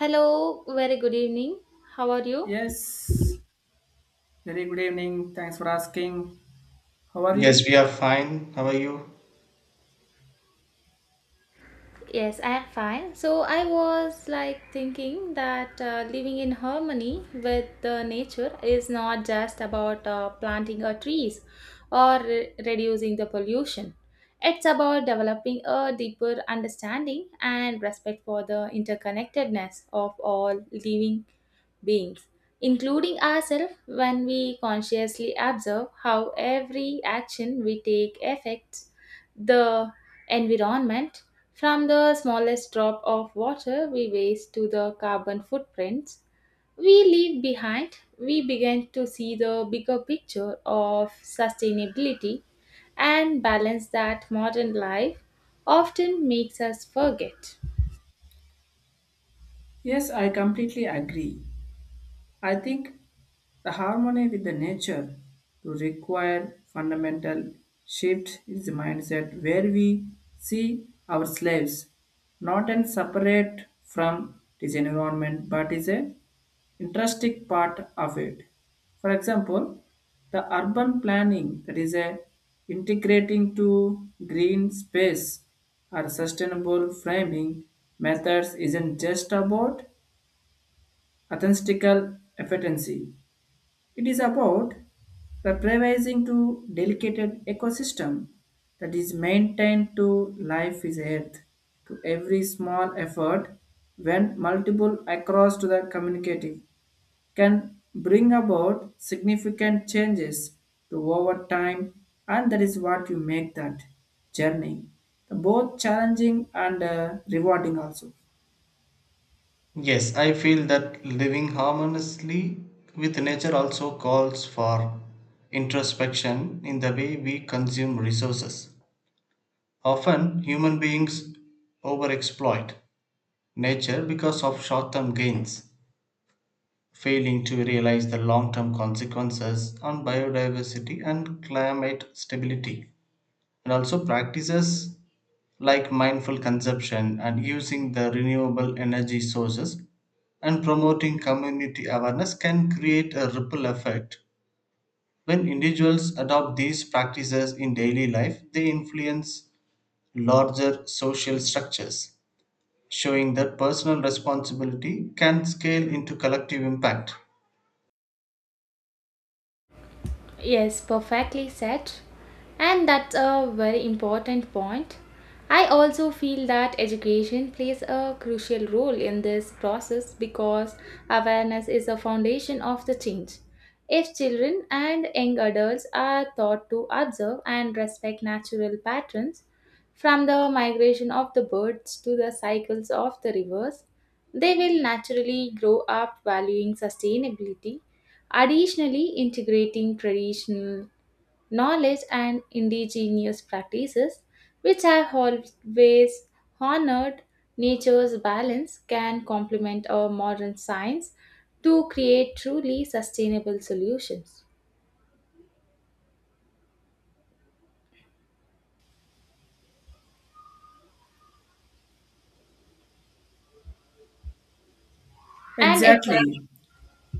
Hello, very good evening. How are you? Yes, very good evening. Thanks for asking. How are you? Yes, we are fine. How are you? Yes, I am fine. So I was like thinking that living in harmony with the nature is not just about planting a trees or reducing the pollution. It's about developing a deeper understanding and respect for the interconnectedness of all living beings, including ourselves when we consciously observe how every action we take affects the environment from the smallest drop of water we waste to the carbon footprints we leave behind, we begin to see the bigger picture of sustainability and balance that modern life often makes us forget. Yes, I completely agree. I think the harmony with the nature to require fundamental shift is the mindset where we see our slaves not and separate from this environment but is a interesting part of it. For example, the urban planning that is a integrating to green space or sustainable framing methods isn't just about authentical efficiency, it is about revising to delicate ecosystem that is maintained to life is earth to every small effort when multiple across to the community can bring about significant changes to over time, and that is what you make that journey both challenging and rewarding also Yes, I feel that living harmoniously with nature also calls for introspection in the way we consume resources. Often, human beings overexploit nature because of short term gains, failing to realize the long term consequences on biodiversity and climate stability. And also, practices like mindful consumption and using the renewable energy sources and promoting community awareness can create a ripple effect. When individuals adopt these practices in daily life, they influence larger social structures, showing that personal responsibility can scale into collective impact. Yes, perfectly said. And that's a very important point. I also feel that education plays a crucial role in this process because awareness is a foundation of the change. If children and young adults are taught to observe and respect natural patterns, from the migration of the birds to the cycles of the rivers, they will naturally grow up valuing sustainability. Additionally, integrating traditional knowledge and indigenous practices, which have always honored nature's balance, can complement our modern science to create truly sustainable solutions. And exactly. exactly.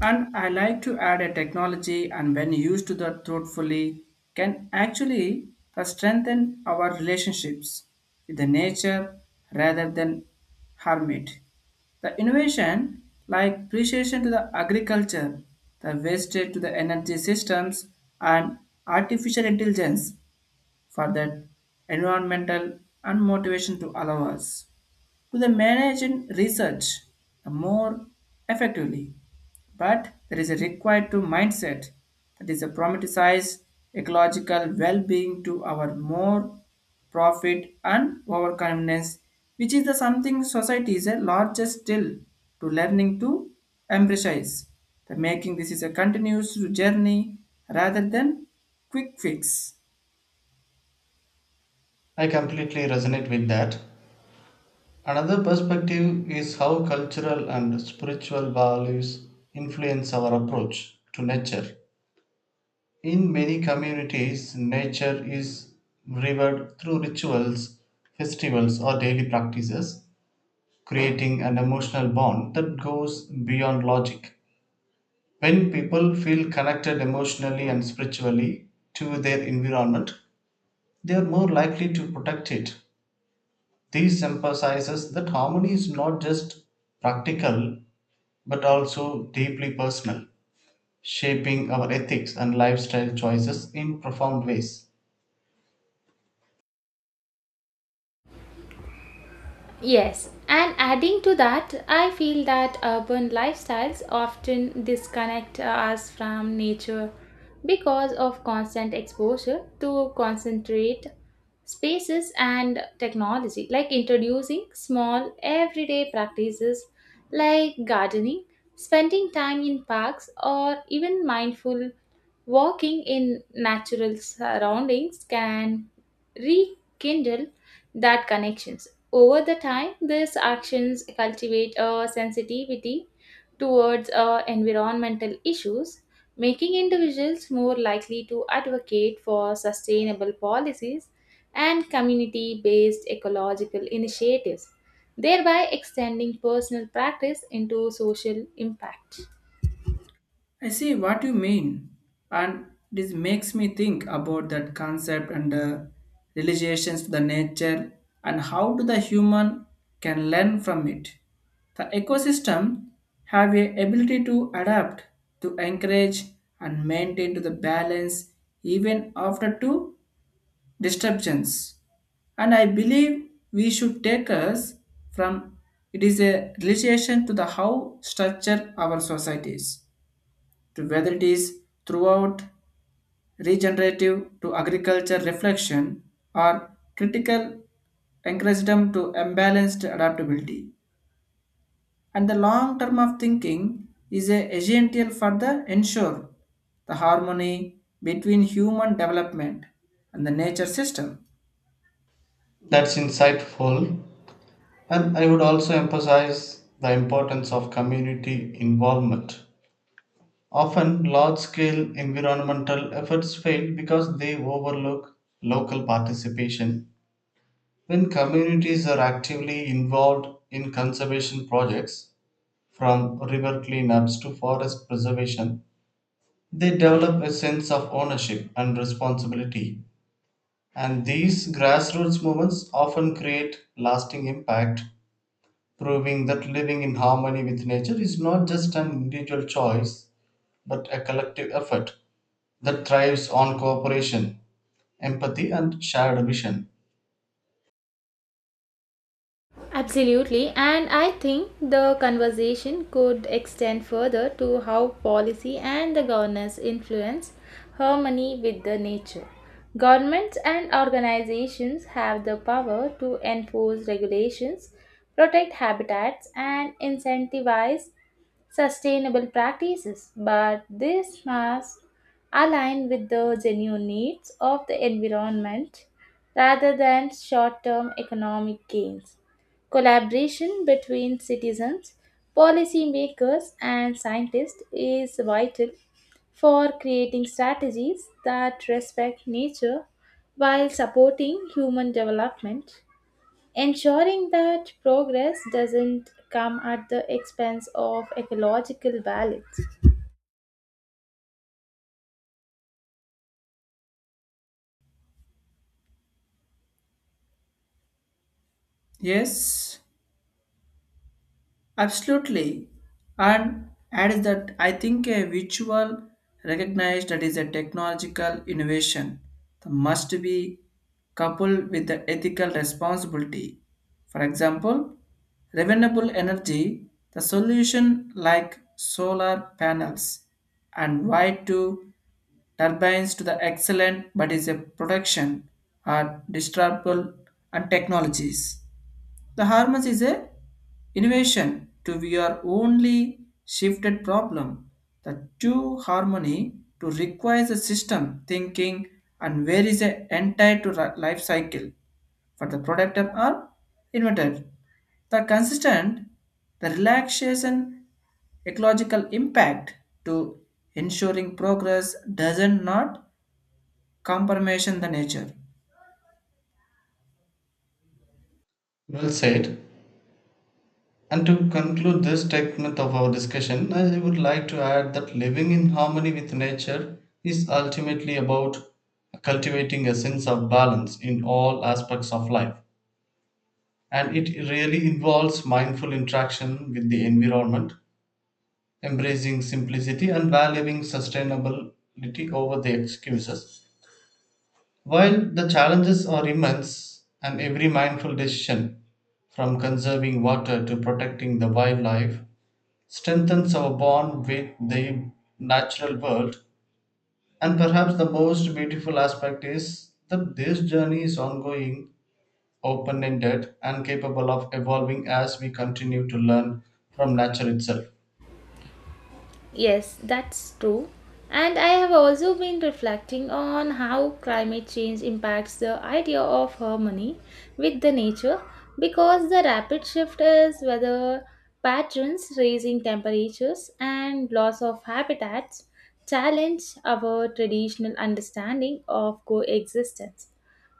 And I like to add a technology and when used to the thoughtfully can actually strengthen our relationships with the nature rather than harm it. The innovation like precision to the agriculture, the wastage to the energy systems and artificial intelligence for the environmental and motivation to allow us to the manage and research more effectively. But there is a required to mindset that is a promoticize ecological well-being to our more profit and overconfidence, which is the something society is a largest still to learning to embrace. The making this is a continuous journey rather than quick fix. I completely resonate with that. Another perspective is how cultural and spiritual values influence our approach to nature. In many communities, nature is revered through rituals, festivals, or daily practices, creating an emotional bond that goes beyond logic. When people feel connected emotionally and spiritually to their environment, they are more likely to protect it. This emphasizes that harmony is not just practical but also deeply personal, shaping our ethics and lifestyle choices in profound ways. Yes, and adding to that, I feel that urban lifestyles often disconnect us from nature because of constant exposure to concentrate spaces and technology, like introducing small everyday practices like gardening, spending time in parks, or even mindful walking in natural surroundings can rekindle that connections. Over the time, these actions cultivate a sensitivity towards environmental issues, making individuals more likely to advocate for sustainable policies and community based ecological initiatives, thereby extending personal practice into social impact. I see what you mean, and this makes me think about that concept and relations to the nature and how do the human can learn from it. The ecosystem have a ability to adapt, to encourage and maintain to the balance even after two disruptions. And I believe we should take us from it is a relation to the how structure our societies to whether it is throughout regenerative to agriculture reflection or critical encouragement to imbalanced adaptability. And the long term of thinking is a essential for the ensure the harmony between human development and the nature system. That's insightful. And I would also emphasize the importance of community involvement. Often, large scale environmental efforts fail because they overlook local participation. When communities are actively involved in conservation projects, from river cleanups to forest preservation, they develop a sense of ownership and responsibility. And these grassroots movements often create lasting impact proving that living in harmony with nature is not just an individual choice but a collective effort that thrives on cooperation, empathy, and shared vision. Absolutely, and I think the conversation could extend further to how policy and the governance influence harmony with the nature. Governments and organizations have the power to enforce regulations, protect habitats, and incentivize sustainable practices, but this must align with the genuine needs of the environment rather than short term economic gains. Collaboration between citizens, policymakers, and scientists is vital for creating strategies that respect nature while supporting human development ensuring that progress doesn't come at the expense of ecological balance. Yes. Absolutely. And add that I think a visual recognized that is a technological innovation that must be coupled with the ethical responsibility. For example, renewable energy, the solution like solar panels and wide to turbines to the excellent but is a production are disruptable and technologies. The harmony is a innovation to your only shifted problem. The true harmony to requires a system thinking and where is the entire to life cycle for the product are invented. The consistent, the relaxation, ecological impact to ensuring progress doesn't not compromise the nature. Well said. And to conclude this segment of our discussion, I would like to add that living in harmony with nature is ultimately about cultivating a sense of balance in all aspects of life. And it really involves mindful interaction with the environment, embracing simplicity and valuing sustainability over the excuses. While the challenges are immense, and every mindful decision, from conserving water to protecting the wildlife, strengthens our bond with the natural world. And perhaps the most beautiful aspect is that this journey is ongoing, open ended, and capable of evolving as we continue to learn from nature itself. Yes, that's true. And I have also been reflecting on how climate change impacts the idea of harmony with the nature because the rapid shift is weather patterns, raising temperatures, and loss of habitats challenge our traditional understanding of coexistence.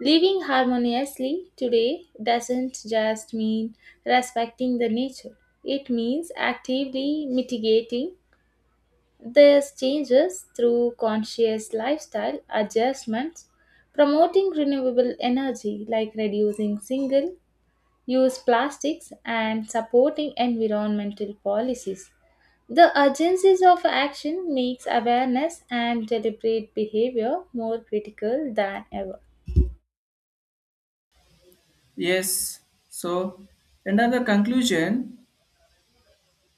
Living harmoniously today doesn't just mean respecting the nature, it means actively mitigating these changes through conscious lifestyle adjustments, promoting renewable energy like reducing single use plastics and supporting environmental policies. The urgencies of action makes awareness and deliberate behavior more critical than ever. Yes, so another conclusion,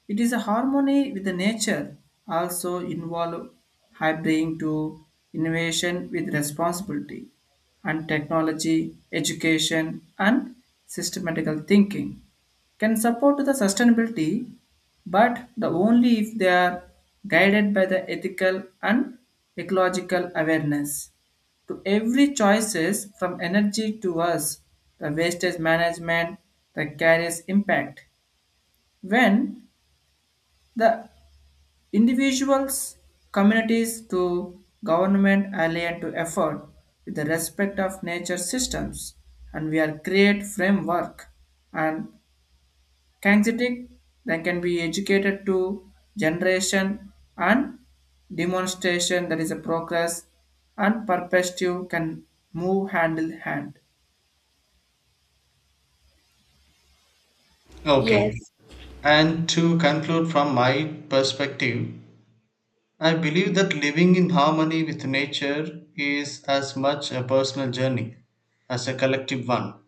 it is a harmony with the nature, also involve hybriding to innovation with responsibility, and technology, education and systematical thinking can support the sustainability, but the only if they are guided by the ethical and ecological awareness. To every choices from energy to us, the wastage management, the carries impact. When the individuals, communities to government alien to effort with the respect of nature systems and we are create framework and kinesthetic that can be educated to generation and demonstration that is a progress and perspective can move hand in hand. Okay. Yes, And to conclude from my perspective, I believe that living in harmony with nature is as much a personal journey as a collective one.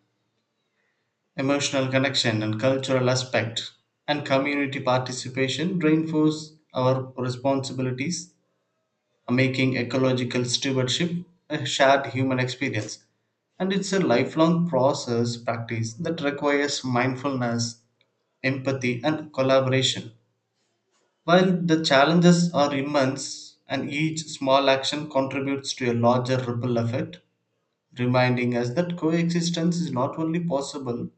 Emotional connection and cultural aspect and community participation reinforce our responsibilities, making ecological stewardship a shared human experience. And it's a lifelong process practice that requires mindfulness, empathy, and collaboration. While the challenges are immense, and each small action contributes to a larger ripple effect, reminding us that coexistence is not only possible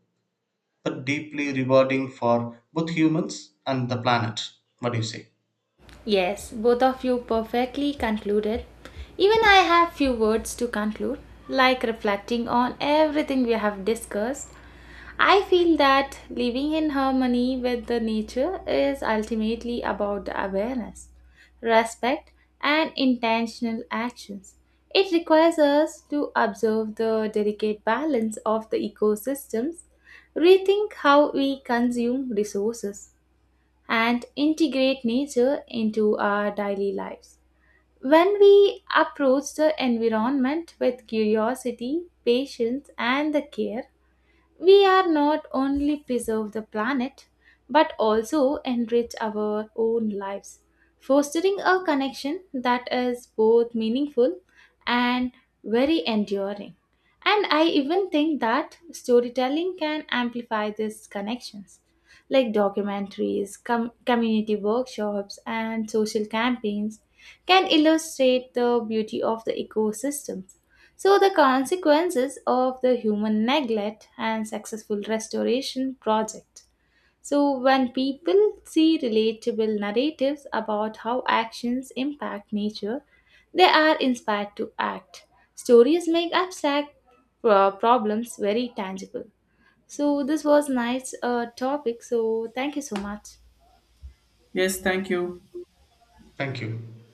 but deeply rewarding for both humans and the planet. What do you say? yes, both of you perfectly concluded. Even I have few words to conclude, like reflecting on everything we have discussed I feel that living in harmony with the nature is ultimately about the awareness, respect, and intentional actions. It requires us to observe the delicate balance of the ecosystems, rethink how we consume resources, and integrate nature into our daily lives. When we approach the environment with curiosity, patience, and the care, we are not only preserve the planet but also enrich our own lives, fostering a connection that is both meaningful and very enduring. And I even think that storytelling can amplify these connections, like documentaries, community workshops, and social campaigns can illustrate the beauty of the ecosystem so, the consequences of the human neglect and successful restoration project. So, when people see relatable narratives about how actions impact nature, they are inspired to act. Stories make abstract problems very tangible. So, this was nice topic. So, thank you so much. Yes, thank you. Thank you.